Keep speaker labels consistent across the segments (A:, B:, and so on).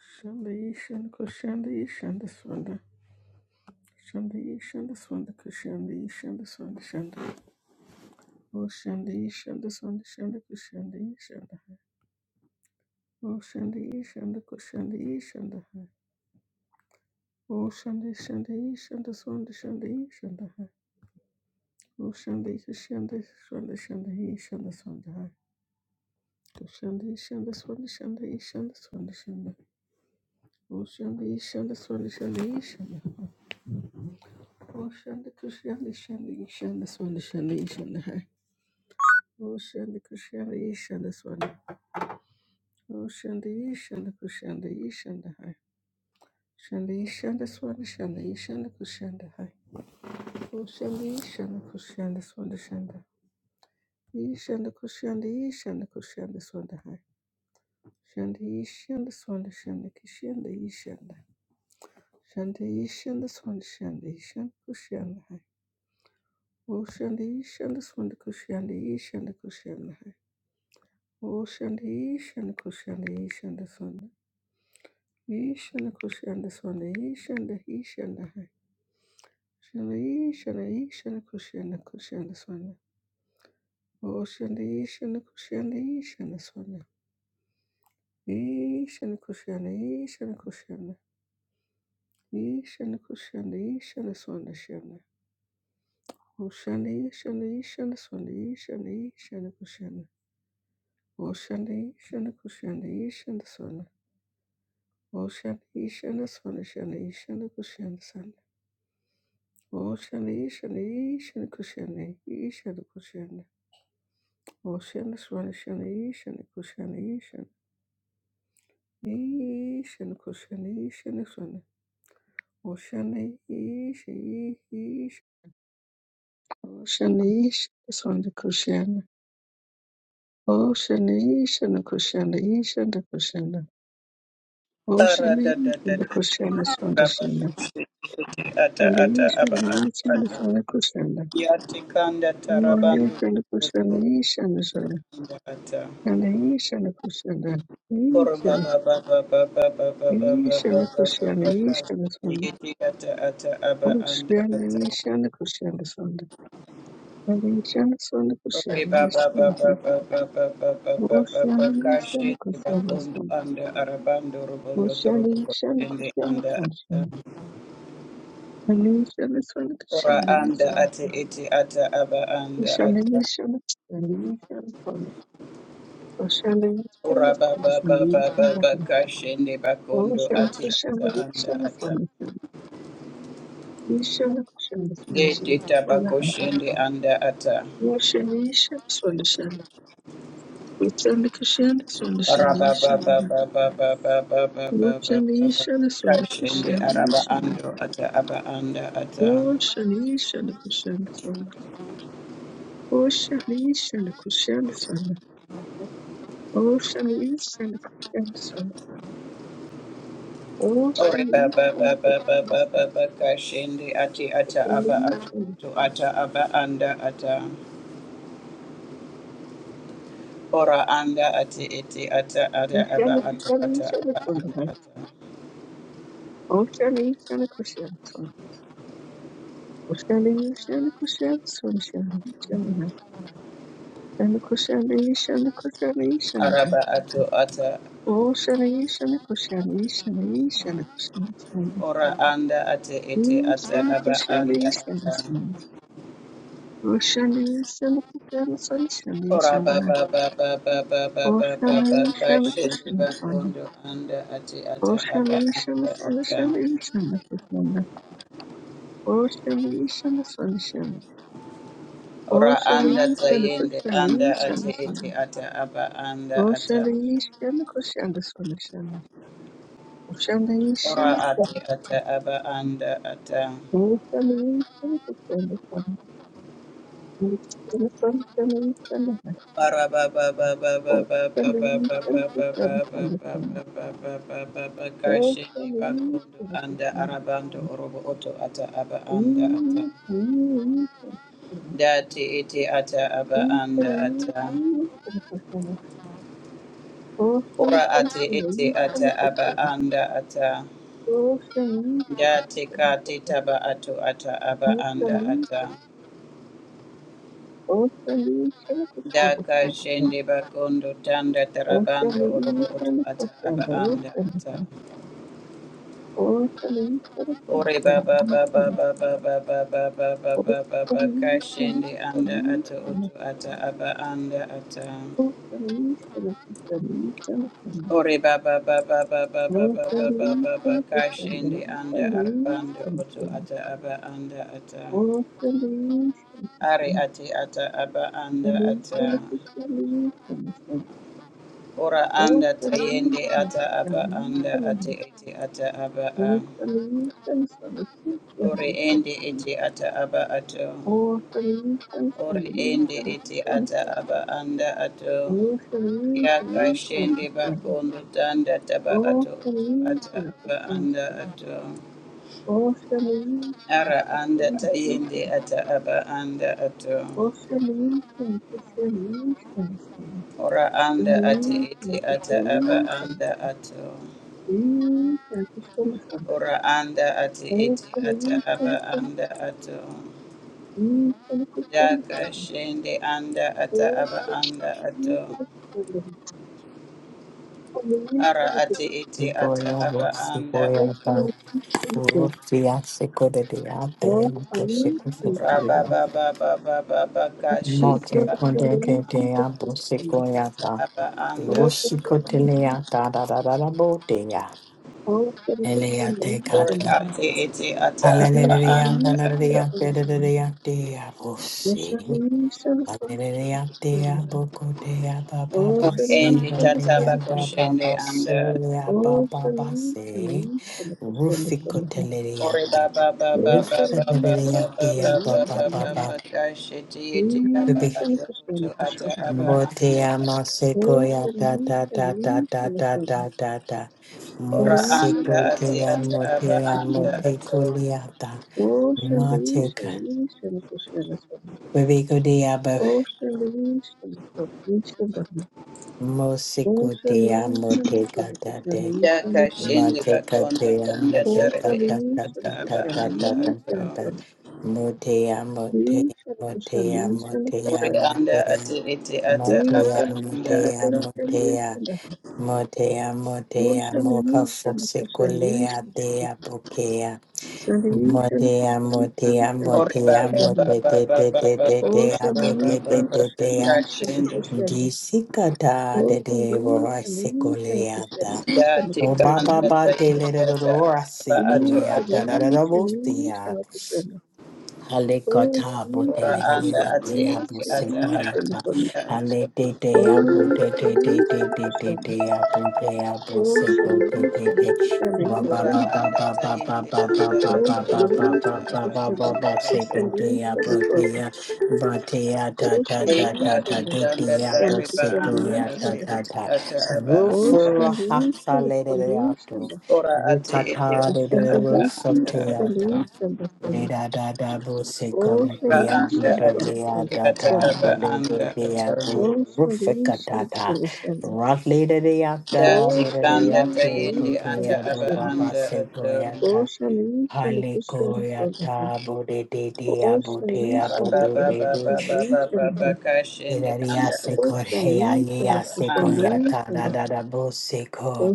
A: Shandayi Shanda Yishanda Kushanda Yishanda Swanda. Shandayi Shanda Yishanda Swanda Kushanda Yishanda Swanda Shanda. Oh Shanda Yishanda Swanda Shanda Kushanda Yishanda. Oh Shanda Yishanda Kushanda Yishanda. Oh Shanda O Shandayi Shandayi Shanda Yishanda Swanda Shandayi Shanda o Oh Shanda Yishanda Swanda Shandayi Shanda Yishanda Swanda. Kushanda Yishanda Swanda Shandayi Shanda Swanda Shanda. Oh Shanda Yishanda Swanda Shandayi Shanda Oh, Oshanda Kushanda Shanda Ishanda Swanda Shanda Ishanda Hai. Oh, Oshanda Kushanda Ishanda Swanda. Oshanda Ishanda Kushanda Ishanda Hai. Shanda Ishanda Swanda Shanda Ishanda Kushanda Hai. Oh, Oshanda Ishanda Kushanda Swanda Shanda. Ishanda Kushanda Ishanda Kushanda Swanda Hai. Shanda Ishanda Swanda Shanda Kishanda Ishanda. Shanda Ishanda Swanda Shanda Ishanda Kushanda Hai. Oh, Oshanda Ishanda Swanda Kushanda Ishanda Kushanda Hai. Oshanda ishanda kushanda ishanda sonda. Ishanda kushanda sonda ishanda ishanda hai. Shanda ishanda ishanda kushanda kushanda sonda. Oshanda ishanda kushanda ishanda sonda. Ishanda kushanda ishanda kushanda. Ishanda kushanda ishanda sonda shanda. Oshanda ishanda ishanda sonda ishanda ishanda kushanda. Oshanda ishanda kushanda ishanda sonda. Oshanda ishanda sonda shanda ishanda kushanda Ocean, Ishan, Ishan, Kushan, Ishan, Kushan. Ocean, Swan, Ishan, Ishan, Kushan, Ishan. Ishan, Kushan, Ishan, Swan. Ocean, Ishan, Ishan. Ocean, Ishan, Swan, Kushan. Ocean, Ishan, Kushan, Ishan, Kushan.
B: Ara
A: Ocean,
B: da da da
A: Ishan,
B: da
A: Kushan, Swan,
B: baba
A: Kushan.
B: kushi kushi ata
A: And
B: ata aba ata
A: Ishan, Ishan,
B: ata
A: Swan, Kushan.
B: yati kanda
A: Ocean,
B: tarabandu
A: Ishan, Kushan,
B: kuturubu
A: Ishan, Swan.
B: kanda ata
A: Kushana, Ishana, Kushana,
B: koro
A: Ishana,
B: baba baba baba baba baba
A: Ishana,
B: baba
A: Kushana,
B: baba kashi
A: Ishana, Swanda,
B: yeti ata ata aba anda ata
A: Oshana, Ishana, Kushana, Swanda, Shana Ishana, Swanda,
B: kore
A: Kushana,
B: baba
A: Ishana,
B: baba
A: Swanda
B: baba baba baba baba
A: Oshana, Ishana,
B: kashi
A: Kushana,
B: babundo
A: Swanda,
B: anda arabando rubondo turubu
A: Oshana, Ishana,
B: kushende
A: Kushana,
B: anda ata
A: Swanda, Shana Ishana, Swanda,
B: ora
A: Kushana,
B: anda
A: Ishana,
B: ate ete ata aba anda
A: Ishana, Ishana,
B: ata
A: Kushana, Ishana, Swanda, Oshana, Ishana, Kushana, Ishana, Swanda
B: Ora ba ba ba ba bakondo
A: Oshana,
B: ati ata
A: Kushana,
B: anda
A: Ishana,
B: ata.
A: Swanda, Ishana,
B: De
A: Kushana,
B: te
A: Swanda,
B: tabako shende anda ata.
A: Woshamisha sondashana. Witandikashana
B: Ora
A: sondashana
B: ba ba ba
A: yishana.
B: ba ba ba ba
A: Woshamishana sondakashana
B: araba
A: yishana.
B: ando ata aba anda ata.
A: Woshamishana kushana sonda. Woshamishana kushana sonda. Woshamishana kushana sonda.
B: Ore ba ba
A: Woshamishana
B: ba ba ba
A: kushana sonda.
B: ati ata aba atu
A: Woshamishana
B: to ata aba anda ata. Ora anda ati iti ata ada aba
A: Ishana
B: atu
A: kushana
B: ata
A: yishana
B: aba anda
A: sonda.
B: ata.
A: Woshamishana kushana sonda. Woshamishana kushana sondashana Shana kushana ishana kushana ishana hai.
B: Araba atu ata
A: O shana ishana kushana ishana ishana kushana sana.
B: Ora anda ate ete ata
A: Ishana
B: aba
A: kushana
B: anda
A: ishana
B: ata.
A: sana. O shana ishana kushana sana shana
B: Ora ba
A: ishana hai.
B: ba ba ba ba ba ba
A: O
B: ba ba
A: shana
B: ba
A: ishana
B: kashende
A: kushana sana.
B: bakondo anda ate
A: O
B: ata
A: shana
B: aba
A: ishana
B: anda
A: sana
B: ata.
A: shana ishana kushana. O shana ishana sana shana. O
B: Ora
A: shana
B: anda
A: ishana
B: tayende
A: kushana
B: anda ate
A: ishana
B: ete
A: sana.
B: ata aba anda
A: O
B: ata.
A: shana ishana kushana sana shana. O shana
B: Ora
A: ishana.
B: ate ata aba anda ata.
A: Ocean, Ocean,
B: Kashindi bakondo anda arabando orobo oto ata aba anda ata dati iti ata aba anda ata ora ati iti ata aba anda ata dati kati taba ato ata aba anda ata daka shende bakondo tanda tarabando orobo oto ata
A: Ocean,
B: aba anda
A: Ocean,
B: ata
A: Or
B: Ore
A: solutions
B: baba baba baba baba baba baba baba kashende anda ato oto ata aba anda ata. Ore baba baba baba baba baba baba kashende anda arabando oto ata aba anda ata. Are ati ata aba anda ata. Ora anda tayende ata aba anda ati ete ata aba a. Ore ende ete ata aba ato. Ore ende ete
A: from the
B: ata aba anda ato.
A: Thank
B: yakashende bakondo tanda taba ato ata aba anda ato ara anda tayende ata aba anda ato ora anda ate ete ata aba anda ato ora anda ate ete ata aba anda ato yakashende anda ata aba anda ato ara ate ete ata
C: Iboya
B: aba
C: vos,
B: anda
C: iboya
B: ato
C: da, uruti ase kode de abe, mato se kode de
A: you.
B: Rabba
C: abe.
B: Baba, baba, baba,
A: Oh,
B: Kashi
C: Mote kode
B: Kakundu
C: de
B: Anda
C: de abo se
B: Ate Ete
C: koya
B: Ata
C: da,
B: Aba Anda
C: urusi kote le ya da da da da da bo de ya. Ele ya te
B: Ori
C: kata.
B: Ate Ete Ata Aba
C: Hallelujah, hallelujah, da da
B: Anda
C: da da ya
B: Ata
C: de de de ya de ya vos. Hallelujah, dea boko dea baba
B: Ori
C: basi,
B: Endi Tata
C: dea baba
B: Bakushende Anda
C: basulia baba basi, rufiko
B: Ori
C: teleriata,
B: baba, baba, baba,
C: rufiko
B: baba, baba,
C: teleriata baba
B: baba,
C: baba,
B: baba, Kashi Ete Aba
C: bibi,
B: Ata Utu Ata Aba Anda
C: motea masiko ya da da da da da da da da da,
B: Ora
C: musiko
B: anda ati
C: dea
B: ata aba
C: motea
B: anda
C: moteko
B: ato.
C: liata,
A: Ocean,
C: mateka, bibi ko dea baba, musiko dea moteka da
B: Yaka shende bakondo
C: Matekatea,
B: tanda tarebe
C: motekata,
B: ete
C: ta,
B: ata
C: ta,
B: aba
C: ta, ta,
B: anda
C: ta, ta,
B: ato.
C: ta, ta. Motea, motea, motea, motea,
B: Ori anda
C: motea.
B: ati ete ata
C: Motea,
B: aba anda
C: motea,
B: ato.
C: motea. Motea, motea, moka fosekolea, dea, pokea. Motea, motea,
B: Ori
C: motea,
B: baba
C: mote,
B: baba
C: te,
B: baba
C: te,
B: baba
C: te, te,
B: baba
C: dea,
B: baba baba ba ba ba
C: bote,
B: ba ba
C: te,
B: ba.
C: te, dea. Jisikata, de,
A: Ocean,
C: de, vorasekolea, O ba ba
B: kanda
C: ba
B: ta
C: de le
B: ete
C: do do do
B: ata
C: ra si
B: aba
C: ku
B: ato
C: ni a
B: ata
C: da da da
B: aba.
C: da bo si ya. Halekata
B: Ora
C: botele de
B: anda
C: de la
B: ati
C: de ya bu
B: ete
C: se
B: ata
C: de la
B: aba
C: ta.
B: anda ato.
C: Hale de ya bu de de de de de de ya bu de ya bu se go de de Ba ba
B: Ora
C: ba ba
B: anda
C: ba
B: ta
C: ba ba
B: yende
C: ba ba
B: anda ato
C: ba ba ba
B: ete
C: ba ba
B: ata
C: ba
B: aba
C: ba ba
B: anda
C: ba se go
B: ato.
C: ya bu de ya. Ba de ya ta ta ta ta ta de de
B: Ekatanda
C: ya bu
B: tareba
C: ko
B: anda
C: ya
B: ate
C: ta
B: ete
C: ta ta.
B: ata aba anda
C: Rufura ha sa le de de ya tu.
B: ora ate ete
C: Rukata de de
A: Kashanda
B: ata aba anda
C: rufata Leda da da bo se
A: Oh
C: kona
B: ora
C: diem
B: anda
C: bude
B: ate
C: lea
B: ete
C: da
B: ata
C: da
B: aba
C: bo de de
B: anda
C: de a
B: ato
C: bo
A: Oh
C: rufika da da. Rock leda de yata
B: dati
A: Oh
C: bo de de
B: kanda
C: yate te
B: tayende
C: te
B: ata
C: a bo
B: aba
C: ba ba
B: anda
C: se
B: ato
A: Oh
C: goyata. Hale goyata bo de de de a
A: Oh
C: bo te a
B: ara
C: bo be
B: baba
C: be be.
B: baba baba baba kashende
C: Leda de
B: anda ate
C: se
A: Oh
C: kor
B: ete
C: he a ye
B: ata
C: a
B: aba
C: se
B: anda ato
C: goyata da da da bo se
A: Oh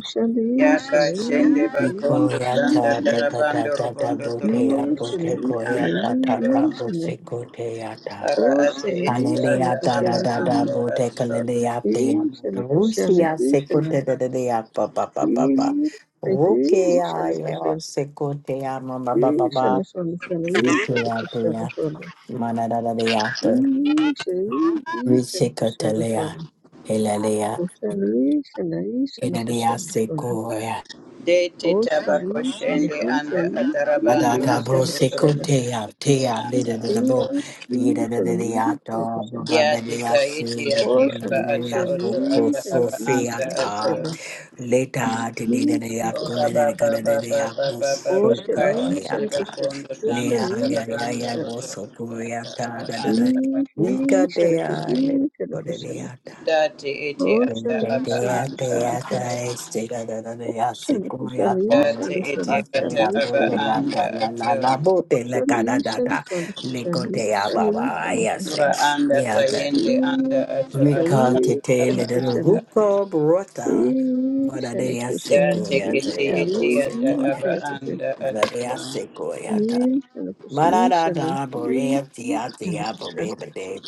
B: Yaka
A: Oh
B: shende bakondo tanda
C: Ikoyata da da da
B: tarabando
C: da da
B: robondo torobo
C: botea bote
B: shende anda
C: koyata ta ta
B: ato
C: bose koteata.
B: Ara ate ete ata
C: Hallelujah da
B: aba
C: da da da
B: ando
C: bote
B: ato.
C: kalelea te.
A: Ishana Krishna,
C: Rusia se
A: Ishana,
C: kote da da da pa pa pa pa pa.
A: Ishana
C: Rukea leo
A: Krishna,
C: se kotea mama ba ba
A: Ishana
C: ba.
A: Swami Sana, Ishana
C: Lukea
A: Krishna
C: tea
A: Swami,
C: mana da da da ta.
A: Ishana, Ishana Krishna
C: Risikotelea.
A: Swami,
C: Hilalea.
A: Krishna, Ishana, Ishana
C: Inalea
A: Krishna Swami,
C: se
B: De te
A: Krishna,
B: tabako
A: Ishana, Ishana,
B: shende anda
A: Ishana Krishna,
C: da
B: ataraba
C: da
B: ando
A: Ishana,
C: da bo
A: Ishana
B: robondo robo
A: Krishna,
C: leader
B: shende anda
A: Krishna, Krishna,
B: ato.
C: the
A: Ishana, Ishana
C: deato
B: Ya te
C: babania
B: ta ete ate aba ato
C: sintonia
B: oto
C: popo
B: ata aba anda
C: fiata
B: ato.
A: Krishna,
C: later the dinner
A: Ishana
C: at
B: Ora
A: Krishna,
C: Colonel
B: ba ba ba
C: de
B: ba ba ba ba ba ka
C: Aposoca
A: Oceanisha
B: shende
C: yata
A: Kushana,
B: bakondo tanda
C: lea
A: Oceanisha
C: ya
B: tarabando
C: ya
A: Kushana,
C: was
B: oto
C: so
B: oto ata aba anda ato.
A: Isha Kushana Kushana,
C: Leta
B: Date ete ata
C: Recall to
B: aba
A: Oceanisha
C: tell
B: anda
A: Kushana
C: the
A: Kushana,
B: ato.
A: Ocean, Kushanisha and
B: Date
A: the
B: ete
A: Sunday
B: ata
A: Shanish
B: aba
A: and the Hun,
B: anda ato.
A: Oceanisha Swan Kushani, Shanish and the
B: Ora anda tayende
A: Hun,
B: anda ato ato ato
A: Isha
B: aba
C: little
B: anda
A: Kushana,
B: ato.
C: hookah brother, but
A: Isha
C: they are
B: Da
A: Kushana,
C: sequoia,
B: tekete
C: they are
B: yete
C: both
A: Ishani,
B: yata
C: sequoia,
B: aba
A: Isha Kushana,
B: anda
C: but
B: ato.
C: they are sequoia.
A: Isha
C: Manada,
A: Kushana,
C: Borea, Tia,
A: Isha
C: Tia,
A: Kushana.
C: Baby, Day,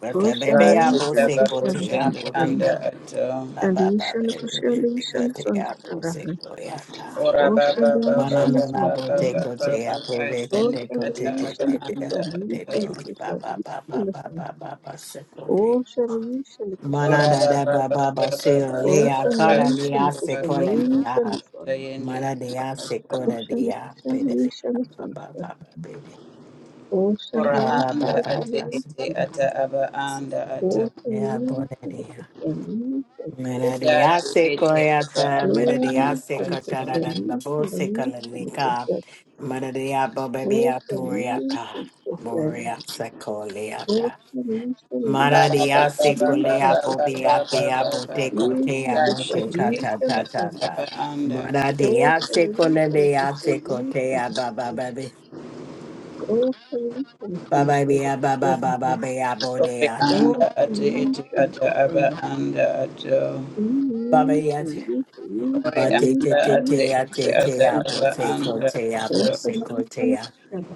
C: Baby,
A: Ocean
C: Baby,
B: Ati
C: Apple,
A: ishana
B: saba
C: Sequel,
A: kushana
B: kushende
A: sundakana.
B: anda ato.
A: And
C: Baba baba
A: ishana kushana
C: rika
A: ishana
C: te apo se
A: sundakana.
C: koyata.
B: Ora ba
A: Ocean
B: ba ba ba
A: ishana
B: ba
C: Banana na
B: ba
C: bo
B: ba
C: te
B: ba
A: sundakana.
B: ba ba
C: apo rika te
B: kashende
A: Ocean
C: te
B: ata
C: te
A: ishana
C: te
B: aba
C: te
B: anda
A: kushana
C: apo te
B: ato.
C: pe
A: ishana kushana
C: baba
A: ishana
C: baba
A: sundakana.
C: baba baba se ko te.
A: Ocean ishana
C: Mana
B: Ora
A: kushana
C: da
B: ba
C: da
B: ba
A: sundakana.
B: ba
C: baba
B: ba
C: ba
B: ba ba
C: se o
B: ba ba
C: le a kara
A: Ocean
C: le
A: ishana
C: a
B: kashende
C: se ko
B: kakondo
A: kushana
B: tanda
A: ishana sundakana.
B: tayende
C: Mana de
B: anda
C: a se ko
B: ato.
C: da
A: Ocean kushana ishana
C: baba baba
A: sundakana.
C: pe
A: Ocean
B: Ora
C: Baba baba
B: anda
A: ishana kushana ishana sundakana. Ocean ishana
B: ate
C: baba se
B: ete
A: kushana ishana. Sundakana.
B: ata aba anda
C: ko
B: ato.
C: le
B: Dati
C: Manadiase
B: ete ata
C: koyata,
B: ata
A: Listen,
C: manadiase
B: anda ato.
C: kotada da la
A: Christian, listen,
C: bose
A: Christian, listen,
C: kalanika, manadia bobebia turiata,
A: listen, Christian,
C: boria sekoliata.
A: listen, listen, listen,
B: Bara ba
C: Manadia
B: ba ba ba
C: sekolia
B: ba
A: listen, Christian, listen,
B: ba
A: Christian,
B: ba ba
C: bobiatia
B: ba
C: bote
A: listen, Christian, listen,
C: kotea
A: listen, Christian,
C: mote kata
A: listen,
C: ta ta
A: Christian,
C: ta.
B: anda.
C: Manadia
A: listen, listen,
C: sekolia
A: Christian, listen,
C: sekotea
A: listen,
C: baba
A: Christian,
C: baby.
A: listen, listen, listen, listen, listen,
C: Baba bia baba
A: Christian,
C: baba bia
B: Ore
C: bodeata.
A: listen,
B: anda
A: listen,
B: ate ete ata aba anda ato. anda ate
C: Batetetetea,
B: ete ata
C: tetea,
B: aba anda
C: bosecotea,
B: ato.
C: bosecotea.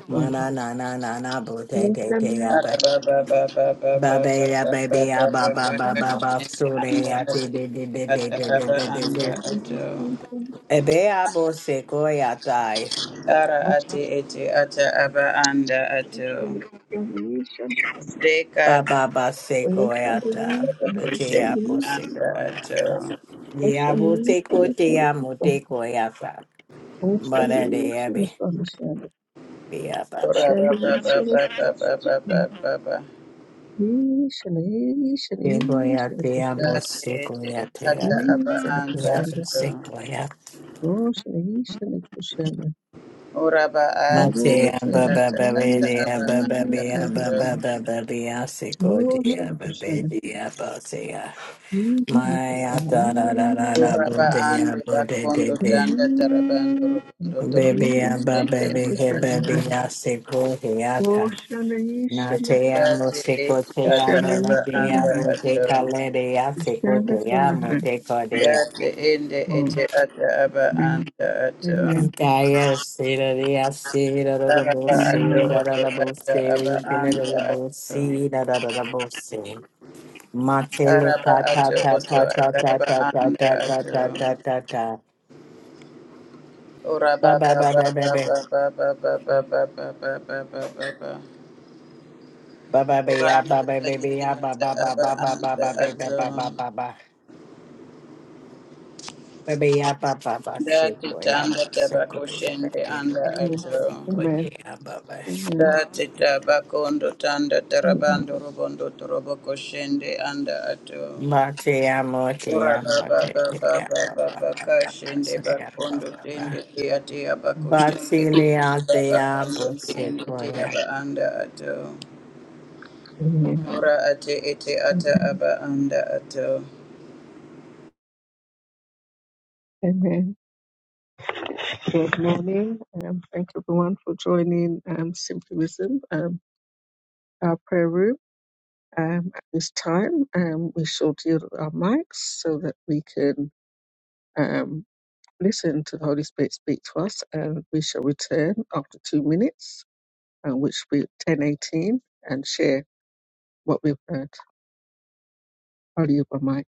C: Mana na na na na
A: Christian, listen,
C: botetetea,
B: Bara
C: ba-
B: ba ba ba ba
A: Solutions,
B: ba ba ba
C: Babe ya baby babea, ba ba ba ba
A: granted
C: ba, sure
B: anda
C: ya
A: to
C: te
B: ate
C: de de
B: ete
C: de de
B: ata
C: de de
B: aba
C: de de de.
B: anda
C: ebe
A: the solutions
C: Ebea bosecoia tai,
B: Ara
A: of
B: ati ete ata aba anda
A: strength and
B: ato.
A: reconciliations from
B: Deka
C: ba
B: ate
C: ba ba se
A: Ocean
C: secoia ta,
A: Relief
B: aba
C: te
B: kushe
C: ya tetea
A: Reconciliation,
B: anda
C: bosecoia ta. ya
B: ato.
C: Via bosecotea,
A: Solution,
C: motecoia ta.
A: Ocean
C: Bara de ebe,
A: Solution,
C: via ba ba.
B: Ora
A: Ocean
B: ba ba
A: Relief
B: ba
A: and Solution, Ocean Relief and Solution,
B: ba ba ba ba ba ba ba.
A: Ocean
C: Te voy a, te amo,
B: Ate
C: sí,
B: ete
C: voy a, te amo,
B: ata aba
C: sí, voy
B: anda
C: a, te amo,
B: ato.
C: sí, voy a.
B: Ora ba ate
C: Matea,
B: ete
C: ba, ba,
B: ata
C: ba, ba,
B: ata
C: dea,
B: aba
C: ba, ba,
B: anda
C: bea, ba,
B: ato.
C: ba, sí,
A: Amen. Amen.
C: Maya, ta, ra, ra,
A: Amen.
C: ra, ra,
A: Amen.
B: Ora
C: bo,
B: ba
C: dea,
B: ande
C: de, de,
B: bakondo
C: de.
B: tanda tarabando
A: Amen.
B: robondo torobo
C: Baby, I'm a
B: kusende
C: baby,
B: anda
C: hey, baby,
B: ato.
C: hey, ta. Na, te amo,
B: Ati
C: se, go,
B: ete
C: te
B: ata
C: amo, no,
B: aba
C: dea,
B: anda
C: bo, te,
B: ato. Dati ende ete ata aba anda ato.
C: Gaia sera rea sera da da bo
B: Araba ato
C: sera da
B: oto
C: da bo
B: ata aba
C: sera kene da
B: anda
C: da bo
B: ato.
C: sera da da da bo sera. Matele
B: Araba
C: ta ta
B: ato
C: ta
B: oto
C: ta
B: ata
C: ta
B: aba
C: ta ta
B: anda
C: ta ta ta ta
B: ato.
C: ta ta ta.
B: Ora ba
C: Ba ba
B: ba
C: ba
B: ba
C: ba ba
B: ba
C: ba.
B: ba ba ba ba ba ba ba ba ba ba ba ba.
C: Ba ba ba
B: Ora
C: ya
B: anda
C: ba ba ba ba
B: tayiti
C: ya ba
B: ata
C: ba ba
B: aba
C: ba ba ba ba
B: anda
C: ba ba
B: ato.
C: ba ba ba ba. Ba ba ya ba ba ba
B: Dati
C: seko ya
B: tanda
C: ba seko
B: tabako
C: ba ba ba
B: shende anda
C: ba ba
B: ato.
C: seko ya ba ba.
B: Dati tabakondo tanda tarabando robondo torobo koshende anda ato.
C: Ma te amo, te
B: Ora
C: amo,
B: baba
C: te te
B: baba
C: amo,
B: baba
C: ba ba
B: baka
C: ba ba,
B: shende
C: se amo,
B: bakondo
C: ba
B: tende
C: ba.
B: tia tia bako shende
C: Basilia
B: tia
C: te
B: bakondo
C: amo, se
B: tende tia
C: koya.
B: ba anda ato.
A: Amen. Amen.
B: Ora ate ete ata aba anda ato.
A: Amen. Good morning. Um, thank everyone for joining um, Simply Wisdom, um, our prayer room. Um, at this time, um, we shall deal with our mics so that we can um, listen to the Holy Spirit speak to us, and we shall return after two minutes, uh, which will be ten eighteen, and share what we've heard. I'll yield my mic.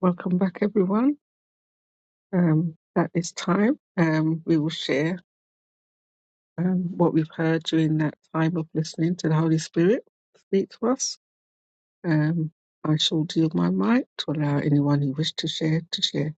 A: Welcome back, everyone. Um, at this time, um, we will share um, what we've heard during that time of listening to the Holy Spirit speak to us. Um, I shall deal my mic to allow anyone who wished to share to share.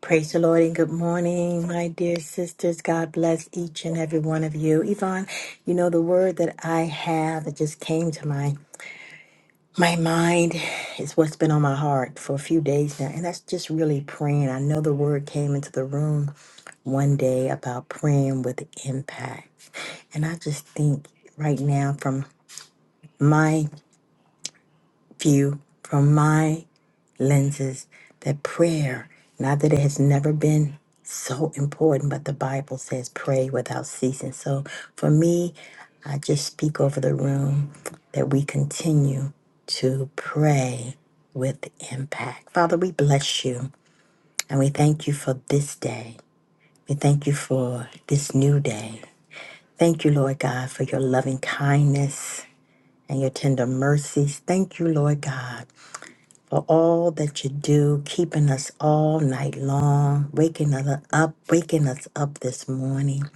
C: Praise the Lord and good morning, my dear sisters. God bless each and every one of you. Yvonne, you know, the word that I have that just came to my my mind is what's been on my heart for a few days now, and that's just really praying. I know the word came into the room one day about praying with impact. And I just think right now, from my view, from my lenses, that prayer, not that it has never been so important, but the Bible says pray without ceasing. So for me, I just speak over the room that we continue to pray with impact. Father, we bless you and we thank you for this day. We thank you for this new day. Thank you, Lord God, for your loving kindness. and your tender mercies. Thank you, Lord God, for all that you do, keeping us all night long, waking us up, waking us up this morning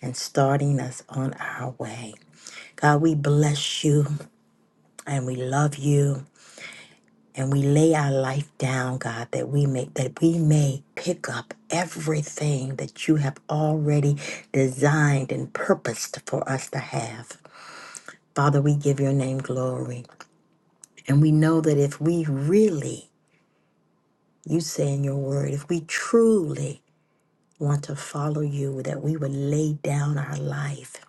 C: and starting us on our way. God, we bless you and we love you. And we lay our life down, God, that we may that we may pick up everything that you have already designed and purposed for us to have. Father, we give your name glory. And we know that if we really You say in your word, if we truly want to follow you, that we would lay down our life.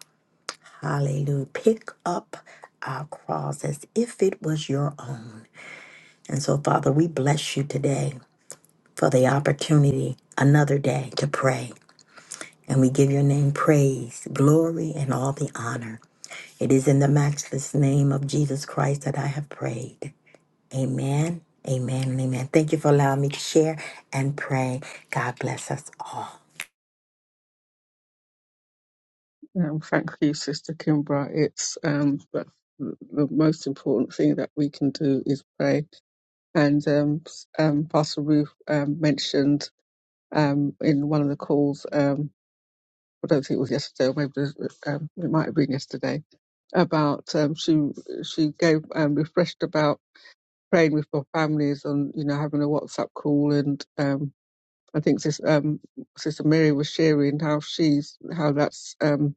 C: Hallelujah. Pick up our cross as if it was your own. And so, Father, we bless you today for the opportunity, another day to pray. And we give your name praise, glory, and all the honor. It is in the matchless name of Jesus Christ that I have prayed. Amen, amen, and amen. Thank you for allowing me to share and pray. God bless us all.
A: Um, thank you, Sister Kimbra. It's um, but the the most important thing that we can do is pray. And um, s- um, Pastor Ruth um, mentioned um, in one of the calls, um, I don't think it was yesterday, or maybe it was, um, it might have been yesterday, about um, she she gave um, refreshed about praying with our families and you know having a WhatsApp call and um, I think this um, Sister Mary was sharing how she's how that's um,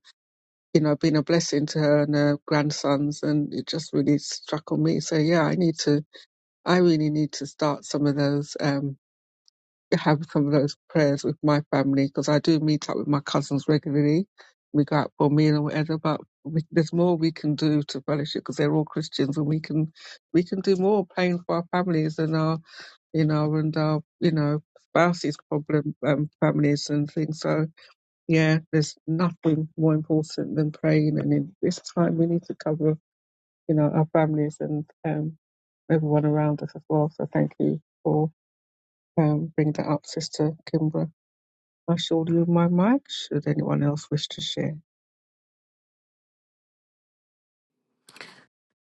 A: you know, been a blessing to her and her grandsons. And it just really struck on me. So yeah, I need to, I really need to start some of those, um, have some of those prayers with my family because I do meet up with my cousins regularly. We go out for a meal or whatever, but we, there's more we can do to fellowship because they're all Christians and we can, we can do more praying for our families and our, you know, and our, you know, spouses problem, um, families and things. So, yeah, there's nothing more important than praying. And in this time, we need to cover, you know, our families and um, everyone around us as well. So thank you for um, bringing that up, Sister Kimbra. I shall leave my mic should anyone else wish to share.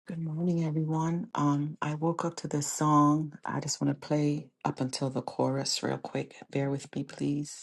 D: Good morning, everyone. Um, I woke up to this song. I just want to play up until the chorus real quick. Bear with me, please.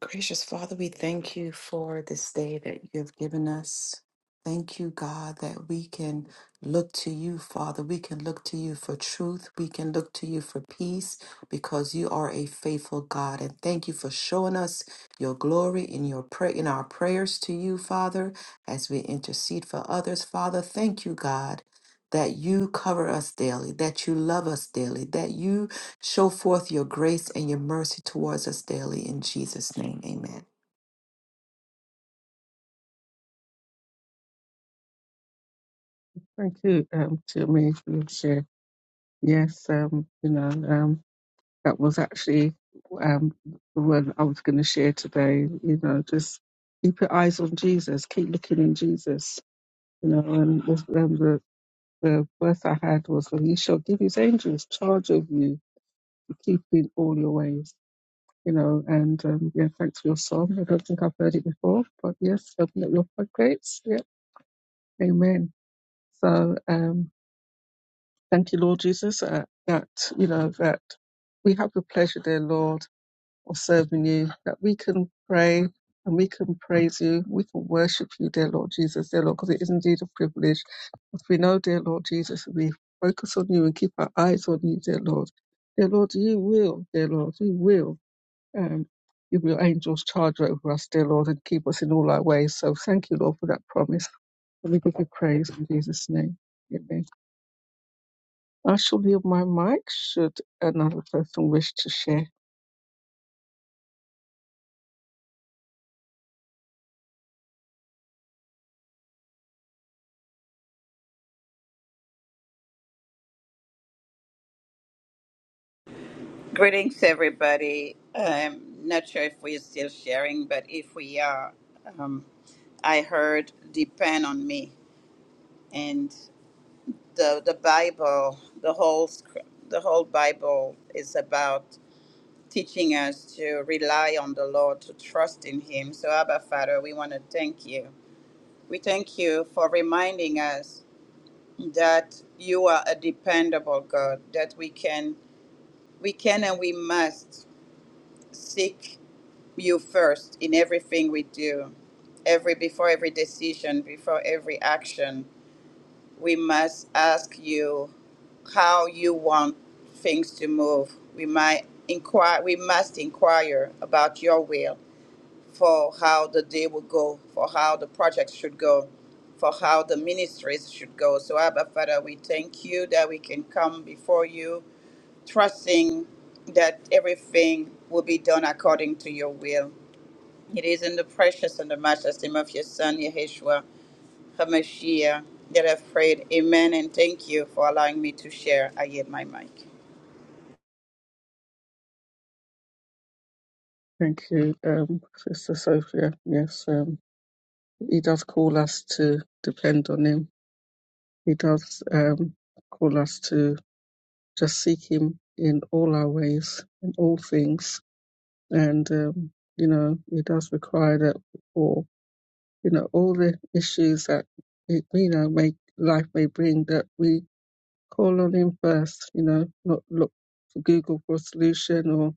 D: Gracious Father, we thank you for this day that you have given us. Thank you, God, that we can look to you, Father. We can look to you for truth. We can look to you for peace because you are a faithful God. And thank you for showing us your glory in your pray in our prayers to you, Father, as we intercede for others, Father. Thank you, God, that you cover us daily, that you love us daily, that you Show forth your grace and your mercy towards us daily in Jesus' name. Amen.
A: Thank you um, to me for your share. Yes, um, you know, um, that was actually um, the word I was going to share today. You know, just keep your eyes on Jesus, keep looking in Jesus you know, and this, um, the, The verse I had was, "For He shall give His angels charge of you to keep you in all your ways." You know, and um, yeah, thanks for your song. I don't think I've heard it before, but yes, open up your floodgates. Yeah, Amen. So, um, thank you, Lord Jesus, uh, that you know that we have the pleasure, dear Lord. of serving you, that we can pray and we can praise you, we can worship you, dear Lord Jesus, dear Lord, because it is indeed a privilege. As we know, dear Lord Jesus, we focus on you and keep our eyes on you, dear Lord. Dear Lord, you will, dear Lord, you will. Um, give your angels charge over us, dear Lord, and keep us in all our ways. So thank you, Lord, for that promise. And we give you praise in Jesus' name. Amen. I shall leave my mic should another person wish to share.
B: Greetings everybody. I'm not sure if we're still sharing, but if we are, um, I heard depend on me. the the Bible, the whole sc- the whole Bible is about teaching us to rely on the Lord, to trust in Him. So, Abba Father, we want to thank you. We thank you for reminding us that you are a dependable God, that we can we can and we must seek you first in everything we do, every before every decision, before every action. We must ask you how you want things to move. We might inquire we must inquire about your will for how the day will go, for how the project should go, for how the ministries should go. So Abba Father, we thank you that we can come before you, trusting that everything will be done according to your will. It is in the precious and the matchless name of your son, Yeshua HaMashiach, that I've prayed. Amen. And thank you for allowing me to share. I yield my mic.
A: Thank you, um, Sister Sophia. Yes, um, he does call us to depend on him. He does um, call us to just seek him in all our ways, in all things. And, um, you know, he does require that for, you know, all the issues that, it, you know, may, life may bring, that we call on him first, you know, not look for Google for a solution or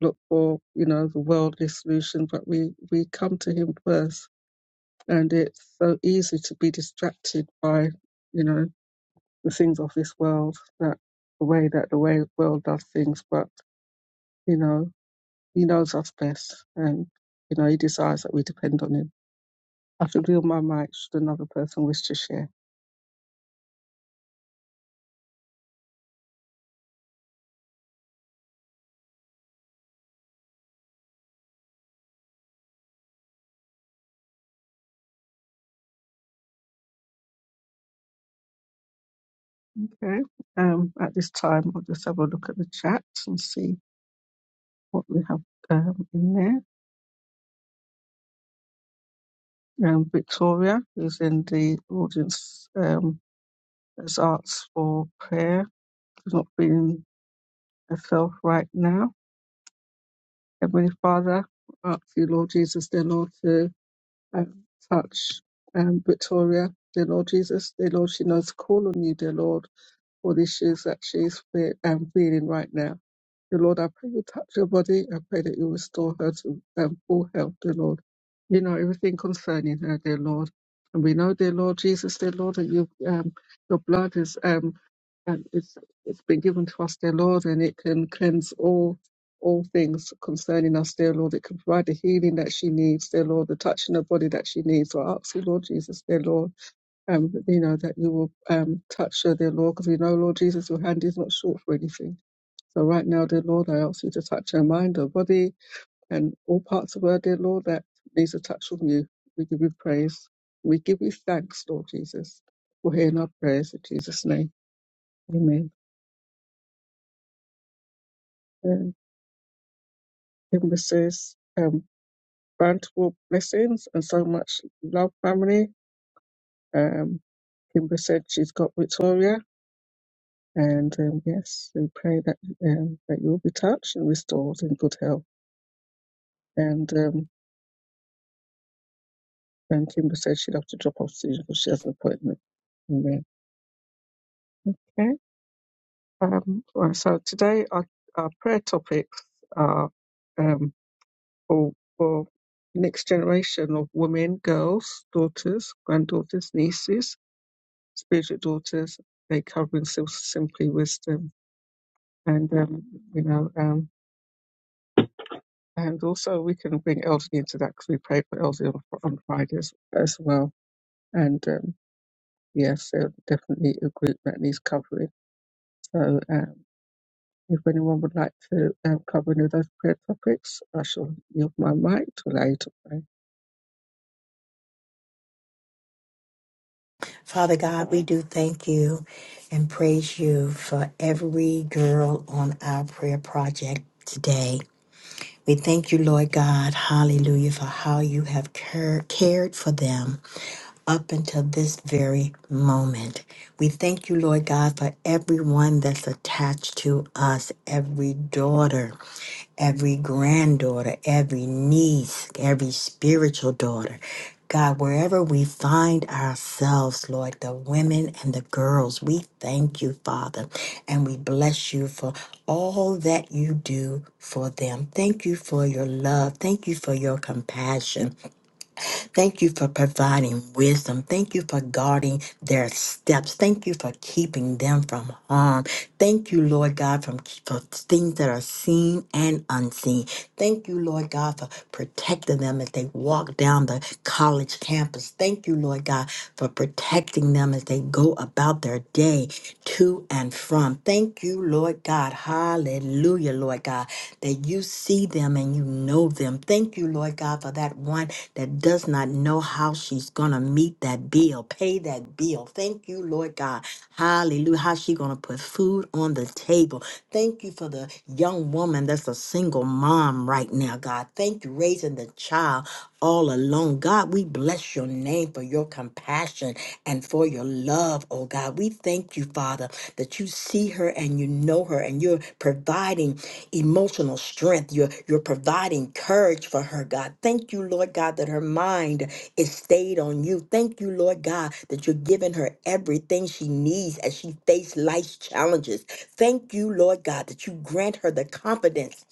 A: look for, you know, the worldly solution, but we, we come to him first and it's so easy to be distracted by you know the things of this world that the way that the way world does things but you know he knows us best and you know he desires that we depend on him i should reel my mic should another person wish to share okay um at this time i'll just have a look at the chat and see what we have um, in there um victoria who's in the audience um has asked for prayer she's not feeling herself right now Heavenly Father, I ask you, Lord Jesus, dear Lord, to um, touch um, Victoria, dear Lord Jesus, dear Lord, she knows to call on you, dear Lord, for the issues that she's fe- um, feeling right now. Dear Lord, I pray you touch her body. I pray that you restore her to um, full health, dear Lord. You know everything concerning her, dear Lord. And we know, dear Lord Jesus, dear Lord, that you, um, your blood is um, and it's it's been given to us, dear Lord, and it can cleanse all all things concerning us, dear Lord. It can provide the healing that she needs, dear Lord, the touch in her body that she needs. So I ask you, Lord Jesus, dear Lord, um, you know, that you will um touch her, dear Lord, because we know, Lord Jesus, your hand is not short for anything. So right now, dear Lord, I ask you to touch her mind, her body, and all parts of her, dear Lord, that needs a touch from you. We give you praise. We give you thanks, Lord Jesus, for hearing our prayers in Jesus' name. Amen. Him Mrs. Um, bountiful blessings and so much love, family. Um, Kimber said she's got Victoria, and um, yes, we pray that um, that you will be touched and restored in good health. And um, and Kimber said she'd have to drop off soon because she has an appointment. Amen. Okay. Um, well, so today our, our prayer topics are um, for for next generation of women, girls, daughters, granddaughters, nieces spiritual daughters, they cover themselves simply wisdom. And, um, you know, um, and also we can bring elderly into that because we pray for elderly on, on Fridays as well. And um, yes, they're definitely a group that needs covering. So um, if anyone would like to um, cover any of those prayer topics, I shall yield my mic to allow you to pray.
C: Father God, we do thank you and praise you for every girl on our prayer project today. We thank you, Lord God, hallelujah, for how you have care- cared for them up until this very moment. We thank you, Lord God, for everyone that's attached to us, every daughter, every granddaughter, every niece, every spiritual daughter. God, wherever we find ourselves, Lord, the women and the girls, we thank you, Father, and we bless you for all that you do for them. Thank you for your love. Thank you for your compassion. Thank you for providing wisdom. Thank you for guarding their steps. Thank you for keeping them from harm. Thank you, Lord God, from for things that are seen and unseen. Thank you, Lord God, for protecting them as they walk down the college campus. Thank you, Lord God, for protecting them as they go about their day to and from. Thank you, Lord God. Hallelujah, Lord God, that you see them and you know them. Thank you, Lord God, for that one that does not know how she's going to meet that bill, pay that bill. Thank you, Lord God. Hallelujah. How she going to put food on the table. Thank you for the young woman that's a single mom right now, God. Thank you raising the child all alone. God, we bless your name for your compassion and for your love, oh God. We thank you, Father, that you see her and you know her and you're providing emotional strength. You're, you're providing courage for her, God. Thank you, Lord God, that her mind is stayed on you. Thank you, Lord God, that you're giving her everything she needs as she faces life's challenges. Thank you, Lord God, that you grant her the confidence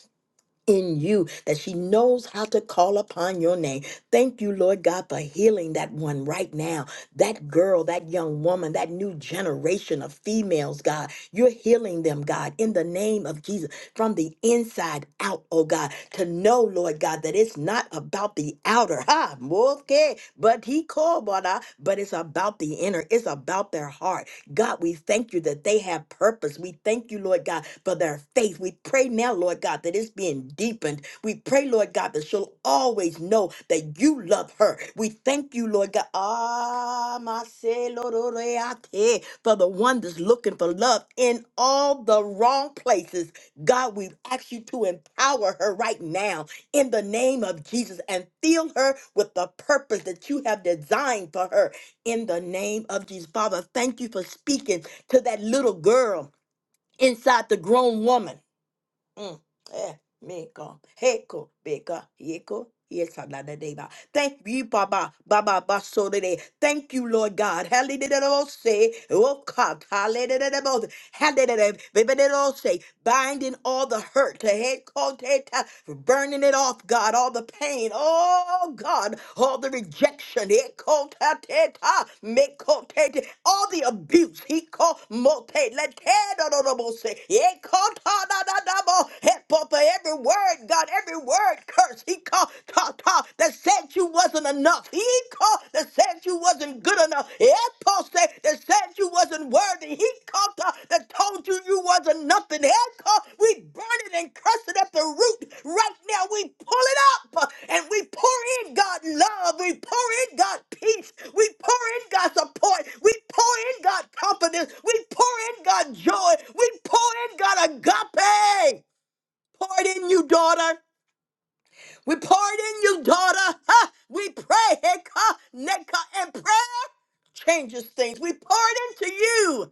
C: in you, that she knows how to call upon your name. Thank you, Lord God, for healing that one right now. That girl, that young woman, that new generation of females, God. You're healing them, God, in the name of Jesus, from the inside out, oh God, to know, Lord God, that it's not about the outer, ha, more care, but he called, but I- but it's about the inner, it's about their heart. God, we thank you that they have purpose. We thank you, Lord God, for their faith. We pray now, Lord God, that it's being deepened. We pray, Lord God, that she'll always know that you love her. We thank you, Lord God. Ah, my Seloreate, for the one that's looking for love in all the wrong places. God, we ask you to empower her right now in the name of Jesus and fill her with the purpose that you have designed for her in the name of Jesus. Father, thank you for speaking to that little girl inside the grown woman. Mm. Eh, meko, heko, beka, yeko, yes, I'm not a deva. Thank you, Baba, Baba, Baso today. Thank you, Lord God. Hallelujah. Oh, God. Hallelujah. Handelelebebelelose, Binding all the hurt, Tehekoteta, burning it off, God, all the pain, oh God, all the rejection, Ekotateta, Mekotete, all the abuse, Hiko Mote, Letedorodobose, Ekotadadadabo, Hepo, for every word, God, every word curse, Hiko Tata, that said you wasn't enough. He called that said you wasn't good enough. Echo said that said you wasn't worthy. He called her that told you you wasn't nothing. He called we burn it and curse it at the root. Right now, we pull it up uh, and we pour in God love. We pour in God peace. We pour in God support. We pour in God confidence. We pour in God joy. We pour in God agape. Pour it in you, daughter. We pardon you, daughter. Huh? We pray, Heka, Neka, and prayer changes things. We pardon to you.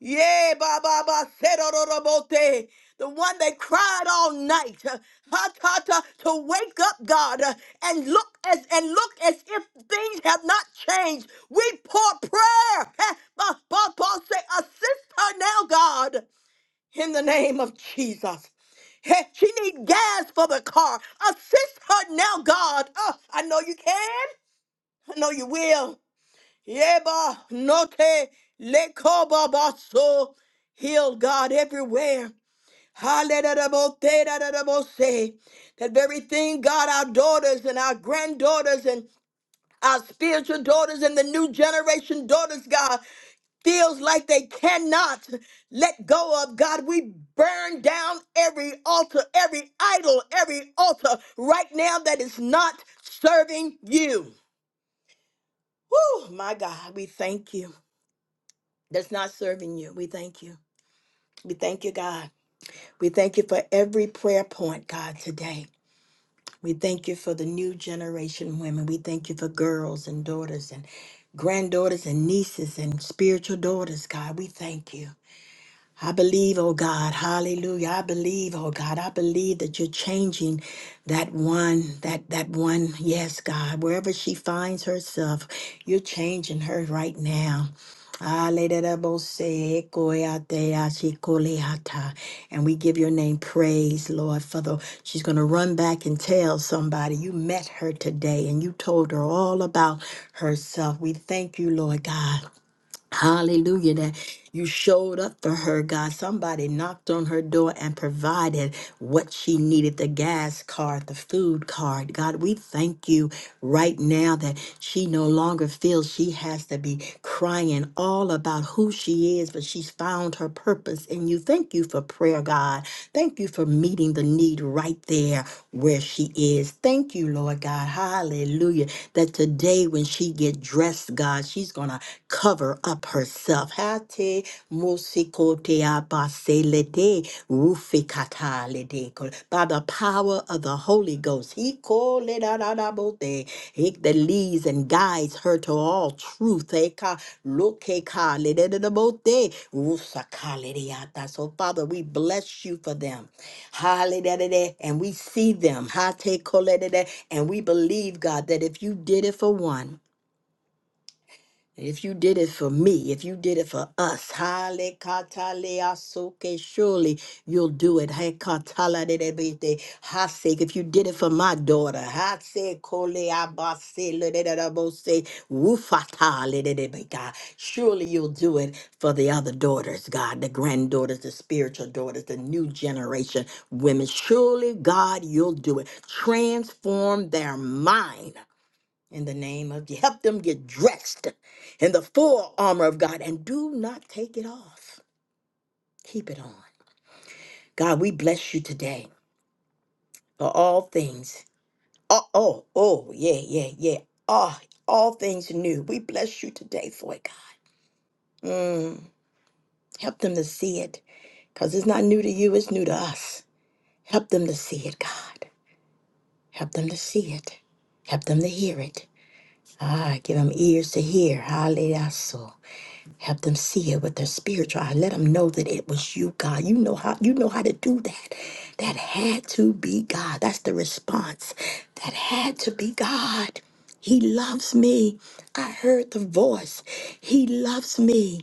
C: Yay, ba ba ba, serororobote. The one that cried all night, uh, ha ta ta, to wake up, God, uh, and look as and look as if things have not changed. We pour prayer. Huh? Ba ba ba, say, assist her now, God in the name of Jesus. Hey, She need gas for the car. Assist her now, God. Oh, I know you can. I know you will. Yeba note lekoba baso. Heal God everywhere. Hallelujah. That very thing, God, our daughters and our granddaughters and our spiritual daughters and the new generation daughters, God feels like they cannot let go of God, we burn down every altar, every idol, every altar right now that is not serving you. Whew, my God, we thank you. That's not serving you. We thank you. We thank you, God. We thank you for every prayer point, God, today. We thank you for the new generation women. We thank you for girls and daughters and granddaughters and nieces and spiritual daughters, God. We thank you. I believe, oh God, hallelujah. I believe, oh God, I believe that you're changing that one, that that one, yes, God, wherever she finds herself, you're changing her right now. Hallelujah. And we give your name praise, Lord, for the she's gonna run back and tell somebody you met her today and you told her all about herself. We thank you, Lord God. Hallelujah, that you showed up for her, God. Somebody knocked on her door and provided what she needed the gas card, the food card. God, we thank you right now that she no longer feels she has to be crying all about who she is, but she's found her purpose in you. Thank you for prayer, God. Thank you for meeting the need right there where she is. Thank you, Lord God. Hallelujah. That today when she get dressed, God, she's going to cover up herself. Hate musikote abaselete rufikata ledeko. By the power of the Holy Ghost, he called it out out out out there. He that leads and guides her to all truth. Eka lokeka lededebote rusakalediata. So, Father, we bless you for them. Hallelujah. And we see them. Hate koledede. And we believe, God, that if you did it for one, if you did it for me, if you did it for us, hale katale asoke, surely you'll do it. Hey katala de de be de, hasek. If you did it for my daughter, hase kole abase le de de de bo se, wufata le de de be God. Surely you'll do it for the other daughters, God, the granddaughters, the spiritual daughters, the new generation women. Surely, God, you'll do it. Transform their mind in the name of Je- help them get dressed in the full armor of God and do not take it off. Keep it on. God, we bless you today for all things. Oh, oh, oh, yeah, yeah, yeah. Oh, all things new. We bless you today for it, God. Mm, help them to see it because it's not new to you, it's new to us. Help them to see it, God. Help them to see it. Help them to hear it. Ah, give them ears to hear. Hallelujah. so. Help them see it with their spiritual eye. Let them know that it was you, God. You know how you know how to do that. That had to be God. That's the response. That had to be God. He loves me. I heard the voice. He loves me.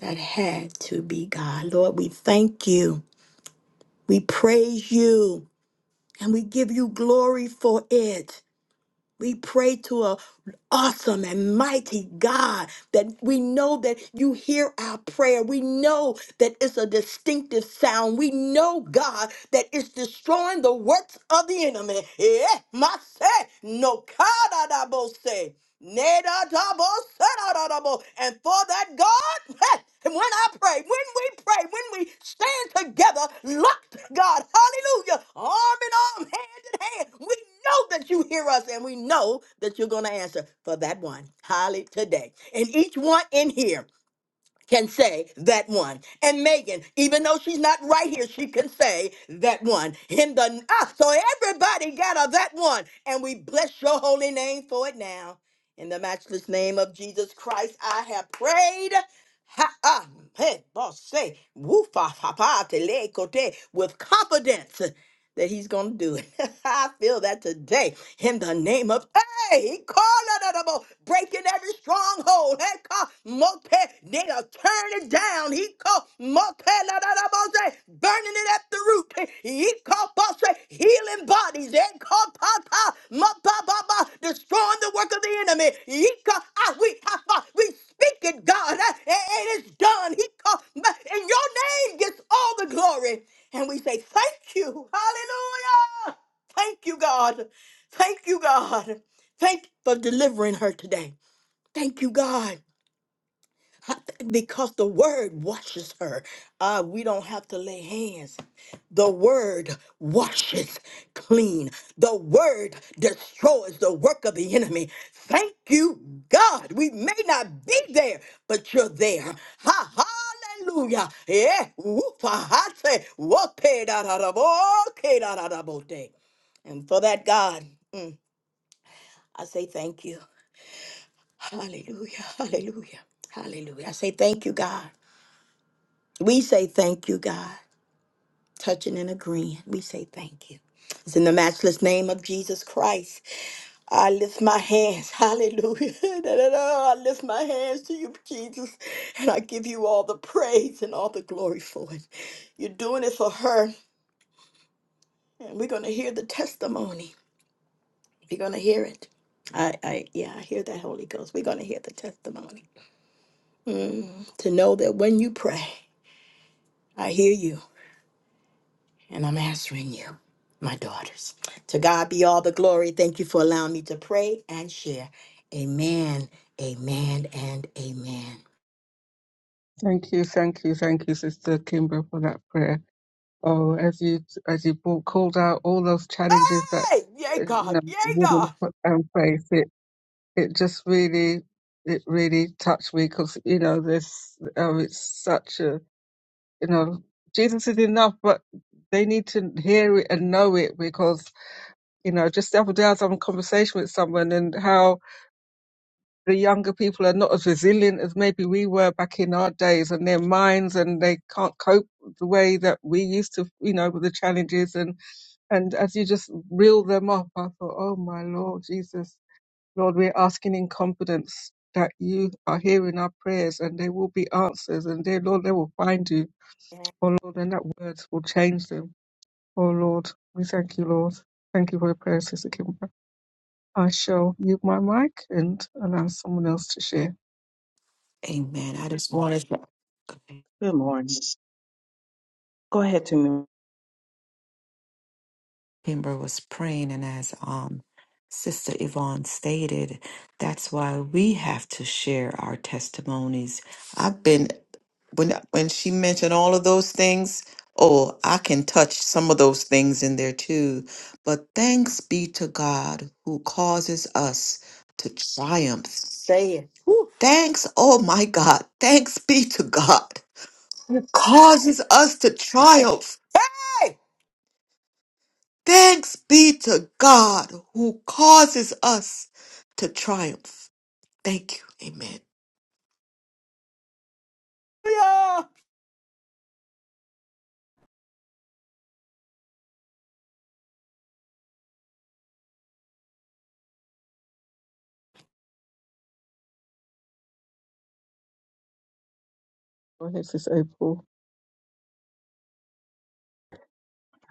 C: That had to be God. Lord, we thank you. We praise you. And we give you glory for it. We pray to a awesome and mighty God that we know that you hear our prayer. We know that it's a distinctive sound. We know, God, that it's destroying the works of the enemy. Yeah, my say, no, God, I say. Nedadabo-sedadadabo. And for that, God, and when I pray, when we pray, when we stand together, locked, God, hallelujah, arm in arm, hand in hand, we know that you hear us and we know that you're going to answer for that one. Holly today. And each one in here can say that one. And Megan, even though she's not right here, she can say that one. Him the ah, so everybody got a that one. And we bless your holy name for it now. In the matchless name of Jesus Christ, I have prayed. Ha, ah, hey, boss, say, woo, fa, fa, pa, te, le, kote, with confidence that he's going to do it. I feel that today in the name of, hey, he called it a breaking every stronghold. Hey, call multi, nigga, turn it down. He called multi, burning it at the root. He called boss, healing bodies. They called papa, mapa, baba, destroying the work of the enemy. He called, ah, we, ha, Speak it, God, uh, and it is done. He called, and your name gets all the glory. And we say, Thank you. Hallelujah. Thank you, God. Thank you, God. Thank you for delivering her today. Thank you, God because the word washes her. Uh, we don't have to lay hands. The word washes clean. The word destroys the work of the enemy. Thank you, God. We may not be there, but you're there. Ha, hallelujah. Yeah. Whoop, ah, I say, whoop, eh, da, da, da, bo, okay, da, da, da, bo, day. And for that, God, mm, I say thank you. Hallelujah. Hallelujah. Hallelujah. I say thank you, God. We say thank you, God, touching and agreeing. We say thank you. It's in the matchless name of Jesus Christ. I lift my hands. Hallelujah. I lift my hands to you, Jesus, and I give you all the praise and all the glory for it. You're doing it for her, and we're going to hear the testimony. We're going to hear it. I, I, yeah, I hear that Holy Ghost. We're going to hear the testimony. Mm, to know that when you pray, I hear you. and I'm answering you, my daughters. To God be all the glory. Thank you for allowing me to pray and share. Amen, amen, and amen.
A: Thank you, thank you, thank you, Sister Kimber, for that prayer. Oh, as you as you brought, called out all those challenges that
C: Hey, yay,
A: uh, you
C: God,
A: know
C: yay, God.
A: women put- um, face, it it just really it really touched me because you know this um, it's such a you know Jesus is enough, but they need to hear it and know it because you know just the other day I was having a conversation with someone and how the younger people are not as resilient as maybe we were back in our days and their minds and they can't cope the way that we used to you know with the challenges and and as you just reeled them up, I thought, oh my Lord Jesus, Lord, we're asking in confidence that you are hearing our prayers and they will be answers and they, Lord, they will find you. Oh Lord, and that words will change them. Oh Lord, we thank you, Lord. Thank you for your prayers, Sister Kimber. I shall mute my mic and allow someone else to share.
D: Amen. I just wanted to
E: Good morning. Go ahead, Tina.
D: Kimber was praying and as um Sister Yvonne stated, that's why we have to share our testimonies. I've been when when she mentioned all of those things, oh, I can touch some of those things in there too. But thanks be to God who causes us to triumph
C: Say it. Woo.
D: Thanks, oh my God. Thanks be to God who causes us to triumph.
C: Hey,
D: Thanks be to God who causes us to triumph. Thank you. Amen.
C: yeah.
A: Go ahead, Sister April.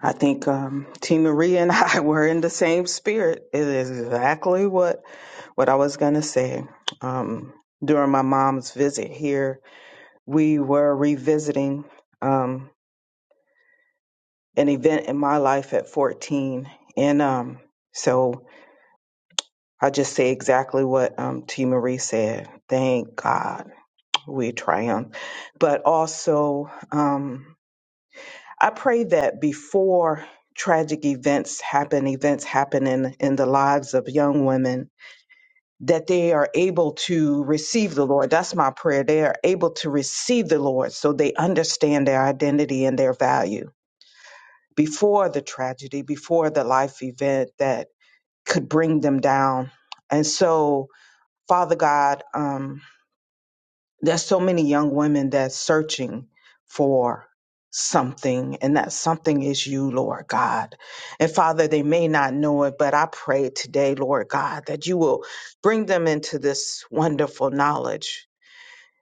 E: I think um, Tina Maria and I were in the same spirit. It is exactly what what I was going to say. Um, during my mom's visit here, we were revisiting um, an event in my life at 14, and um, so I just say exactly what um, T. Marie said. Thank God we triumphed, but also. Um, I pray that before tragic events happen, events happen in, in the lives of young women, that they are able to receive the Lord. That's my prayer. They are able to receive the Lord so they understand their identity and their value before the tragedy, before the life event that could bring them down. And so, Father God, um, there's so many young women that's searching for something and that something is you lord god and father they may not know it but i pray today lord god that you will bring them into this wonderful knowledge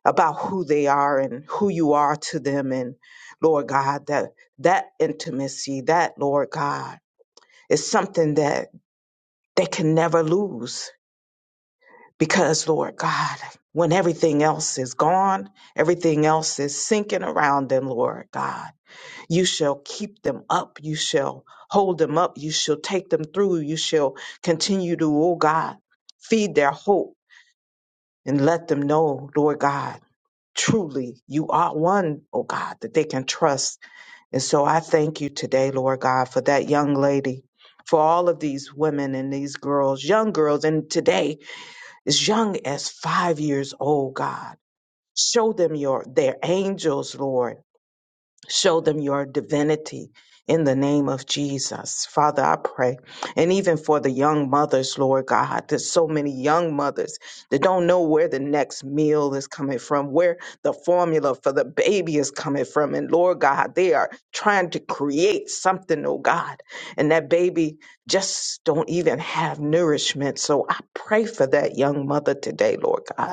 E: about who they are and who you are to them and lord god that that intimacy that lord god is something that they can never lose because, Lord God, when everything else is gone, everything else is sinking around them, Lord God, you shall keep them up. You shall hold them up. You shall take them through. You shall continue to, oh God, feed their hope and let them know, Lord God, truly you are one, oh God, that they can trust. And so I thank you today, Lord God, for that young lady. For all of these women and these girls, young girls, and today as young as five years old, God. Show them your their angels, Lord, Show them your divinity in the name of Jesus. Father, I pray. And even for the young mothers, Lord God, there's so many young mothers that don't know where the next meal is coming from, where the formula for the baby is coming from. And Lord God, they are trying to create something, oh God. And that baby just don't even have nourishment. So I pray for that young mother today, Lord God.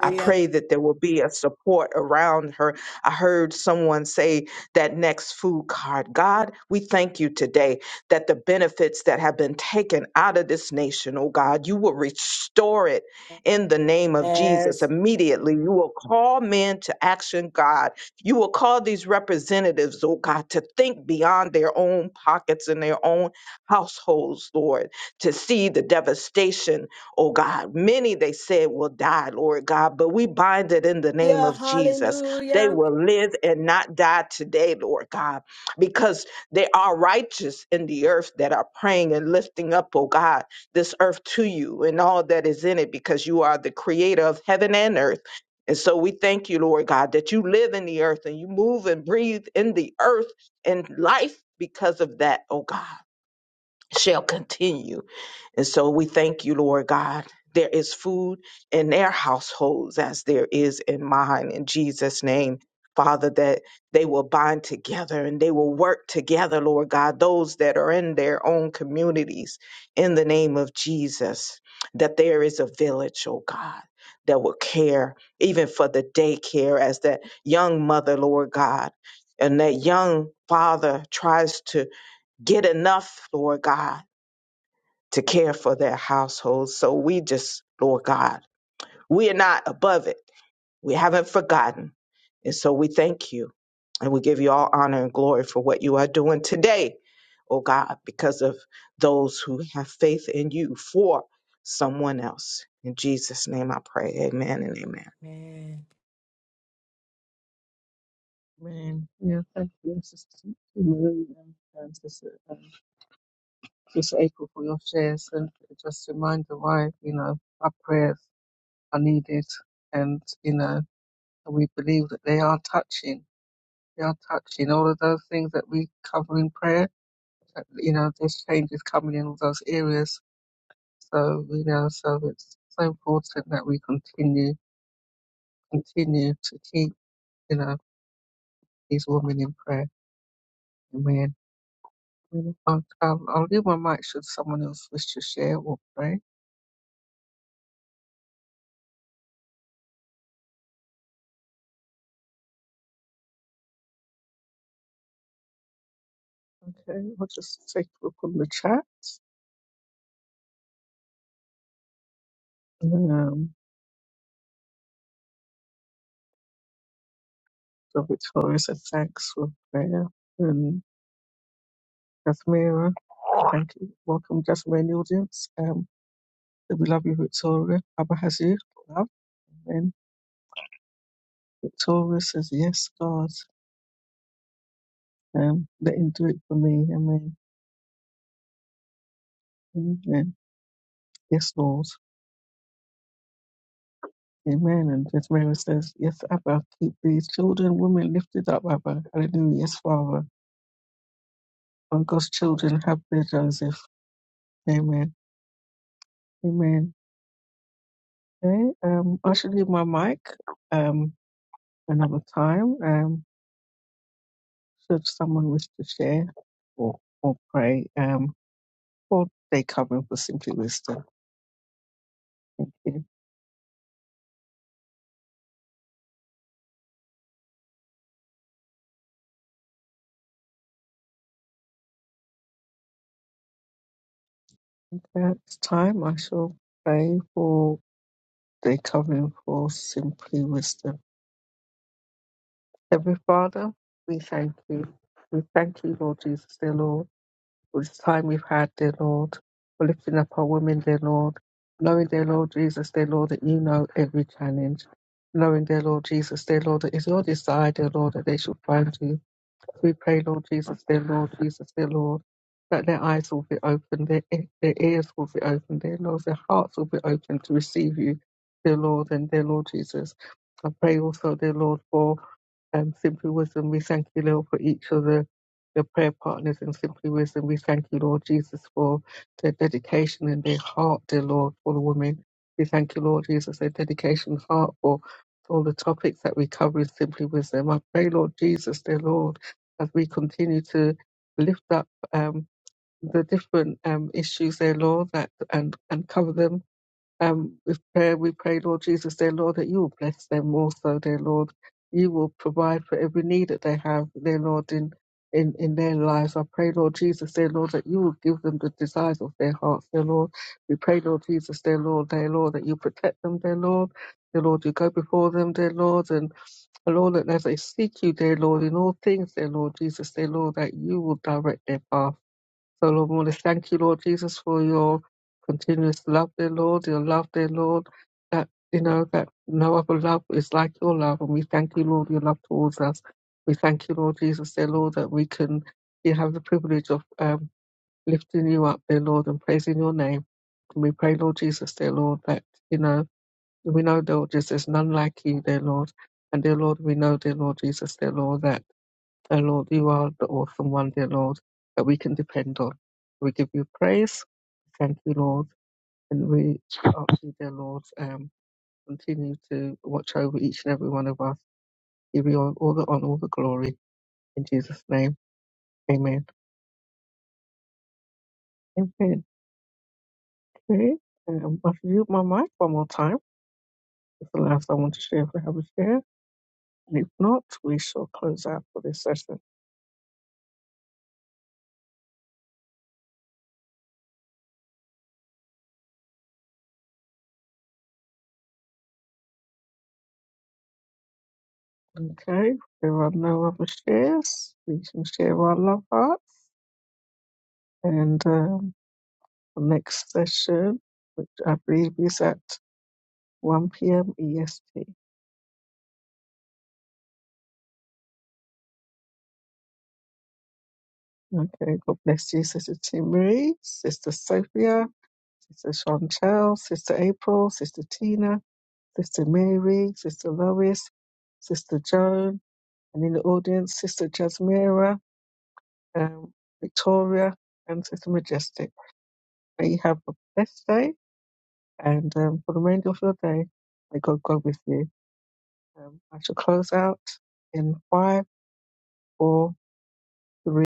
E: I pray that there will be a support around her. I heard someone say that next food card. God, we thank you today that the benefits that have been taken out of this nation, oh God, you will restore it in the name of Jesus.
C: Yes.
E: Immediately, you will call men to action, God. You will call these representatives, oh God, to think beyond their own pockets and their own households, Lord, to see the devastation oh God. Many they said will die, Lord God, but we bind it in the name
C: Yeah.
E: of Jesus. They
C: Hallelujah.
E: will live and not die today, Lord God, because they are righteous in the earth that are praying and lifting up, oh God, this earth to you and all that is in it, because you are the creator of heaven and earth. And so we thank you, Lord God, that you live in the earth and you move and breathe in the earth and life because of that, oh God shall continue. And so we thank you, Lord God. There is food in their households as there is in mine. In Jesus' name, Father, that they will bind together and they will work together, Lord God, those that are in their own communities, in the name of Jesus, that there is a village, oh God. That will care even for the daycare as that young mother, Lord God, and that young father tries to get enough, Lord God to care for their households. So we just, Lord God, we are not above it. We haven't forgotten. And so we thank you and we give you all honor and glory for what you are doing today, oh God, because of those who have faith in you for someone else. In Jesus' name I pray. Amen and amen.
C: Amen.
A: Amen. Yeah, thank you, Sister Mary and Francis. Just April, for your shares and just reminder why, you know, our prayers are needed and, you know, we believe that they are touching. They are touching all of those things that we cover in prayer. that, You know, there's changes coming in all those areas. So, you know, so it's so important that we continue, continue to keep, you know, these women in prayer. Amen. I'll, I'll, I'll leave my mic should someone else wish to share or pray. Okay, I'll just take a look on the chat. Um, God victorious thanks for prayer. And Jasmira, thank you. Welcome, Jasmira, in the audience. Um, we love you, Victoria. Abba has you. Love. Amen. Victoria says, Yes, God. Um, let him do it for me. Amen. Amen. Yes, Lord. Amen. And Jasmira says, Yes, Abba, keep these children, women lifted up, Abba. Hallelujah. Yes, Father. And God's children have their Joseph. Amen. Amen. Okay, um, I should leave my mic. Um, another time. Um, should someone wish to share or, or pray um, for day covering for Simply Wisdom. If that's time, I shall pray for day covering for Simply Wisdom. Heavenly Father, we thank you. We thank you, Lord Jesus, dear Lord, for this time we've had, dear Lord, for lifting up our women, dear Lord, knowing, dear Lord Jesus, dear Lord, that you know every challenge. Knowing, dear Lord Jesus, dear Lord, that it's your desire, dear Lord, that they should find you We pray, Lord Jesus, dear Lord Jesus, dear Lord, that their eyes will be open, their, e- their ears will be open, dear Lord, their hearts will be open to receive you, dear Lord, and dear Lord Jesus. I pray also, dear Lord, for um, Simply Wisdom, we thank you, Lord, for each of the, the prayer partners in Simply Wisdom. We thank you, Lord Jesus, for their dedication and their heart, dear Lord, for the women. We thank you, Lord Jesus, their dedication and heart for, for all the topics that we cover in Simply Wisdom. I pray, Lord Jesus, dear Lord, as we continue to lift up um, the different um, issues, dear Lord, that and, and cover them um, with prayer, we pray, Lord Jesus, dear Lord, that you will bless them also, dear Lord. You will provide for every need that they have, dear Lord, in, in, in their lives. I pray, Lord Jesus, dear Lord, that you will give them the desires of their hearts, dear Lord. We pray, Lord Jesus, dear Lord, dear Lord, that you protect them, dear Lord. Dear Lord, you go before them, dear Lord, and oh Lord, that as they seek you, dear Lord, in all things, dear Lord Jesus, dear Lord, that you will direct their path. So, Lord, we want to thank you, Lord Jesus, for your continuous love, dear Lord, your love, dear Lord, that, you know, that no other love is like your love. And we thank you, Lord, your love towards us. We thank you, Lord Jesus, dear Lord, that we can you have the privilege of um, lifting you up, dear Lord, and praising your name. And we pray, Lord Jesus, dear Lord, that, you know, we know, dear Lord Jesus, there's none like you, dear Lord. And dear Lord, we know, dear Lord Jesus, dear Lord, that. O Lord, you are the awesome one, dear Lord, that we can depend on. We give you praise. Thank you, Lord. And we ask you, dear Lord, um, continue to watch over each and every one of us. Give you all, all the honor, all the glory. In Jesus' name, amen. Amen. Okay. Um, I've mute my mic one more time. It's the last I want to share if I have a share. And if not, we shall close out for this session. Okay. There are no other shares. We can share our love hearts. And uh, The next session, which I believe is at 1 p.m. EST. Okay, God bless you, Sister Timmy, Sister Sophia, Sister Chantel, Sister April, Sister Tina, Sister Mary, Sister Lois, Sister Joan, and in the audience, Sister Jasmira, um, Victoria, and Sister Majestic. May you have a blessed day, and um, for the remainder of your day, may God go with you. Um, I shall close out in five, four, three.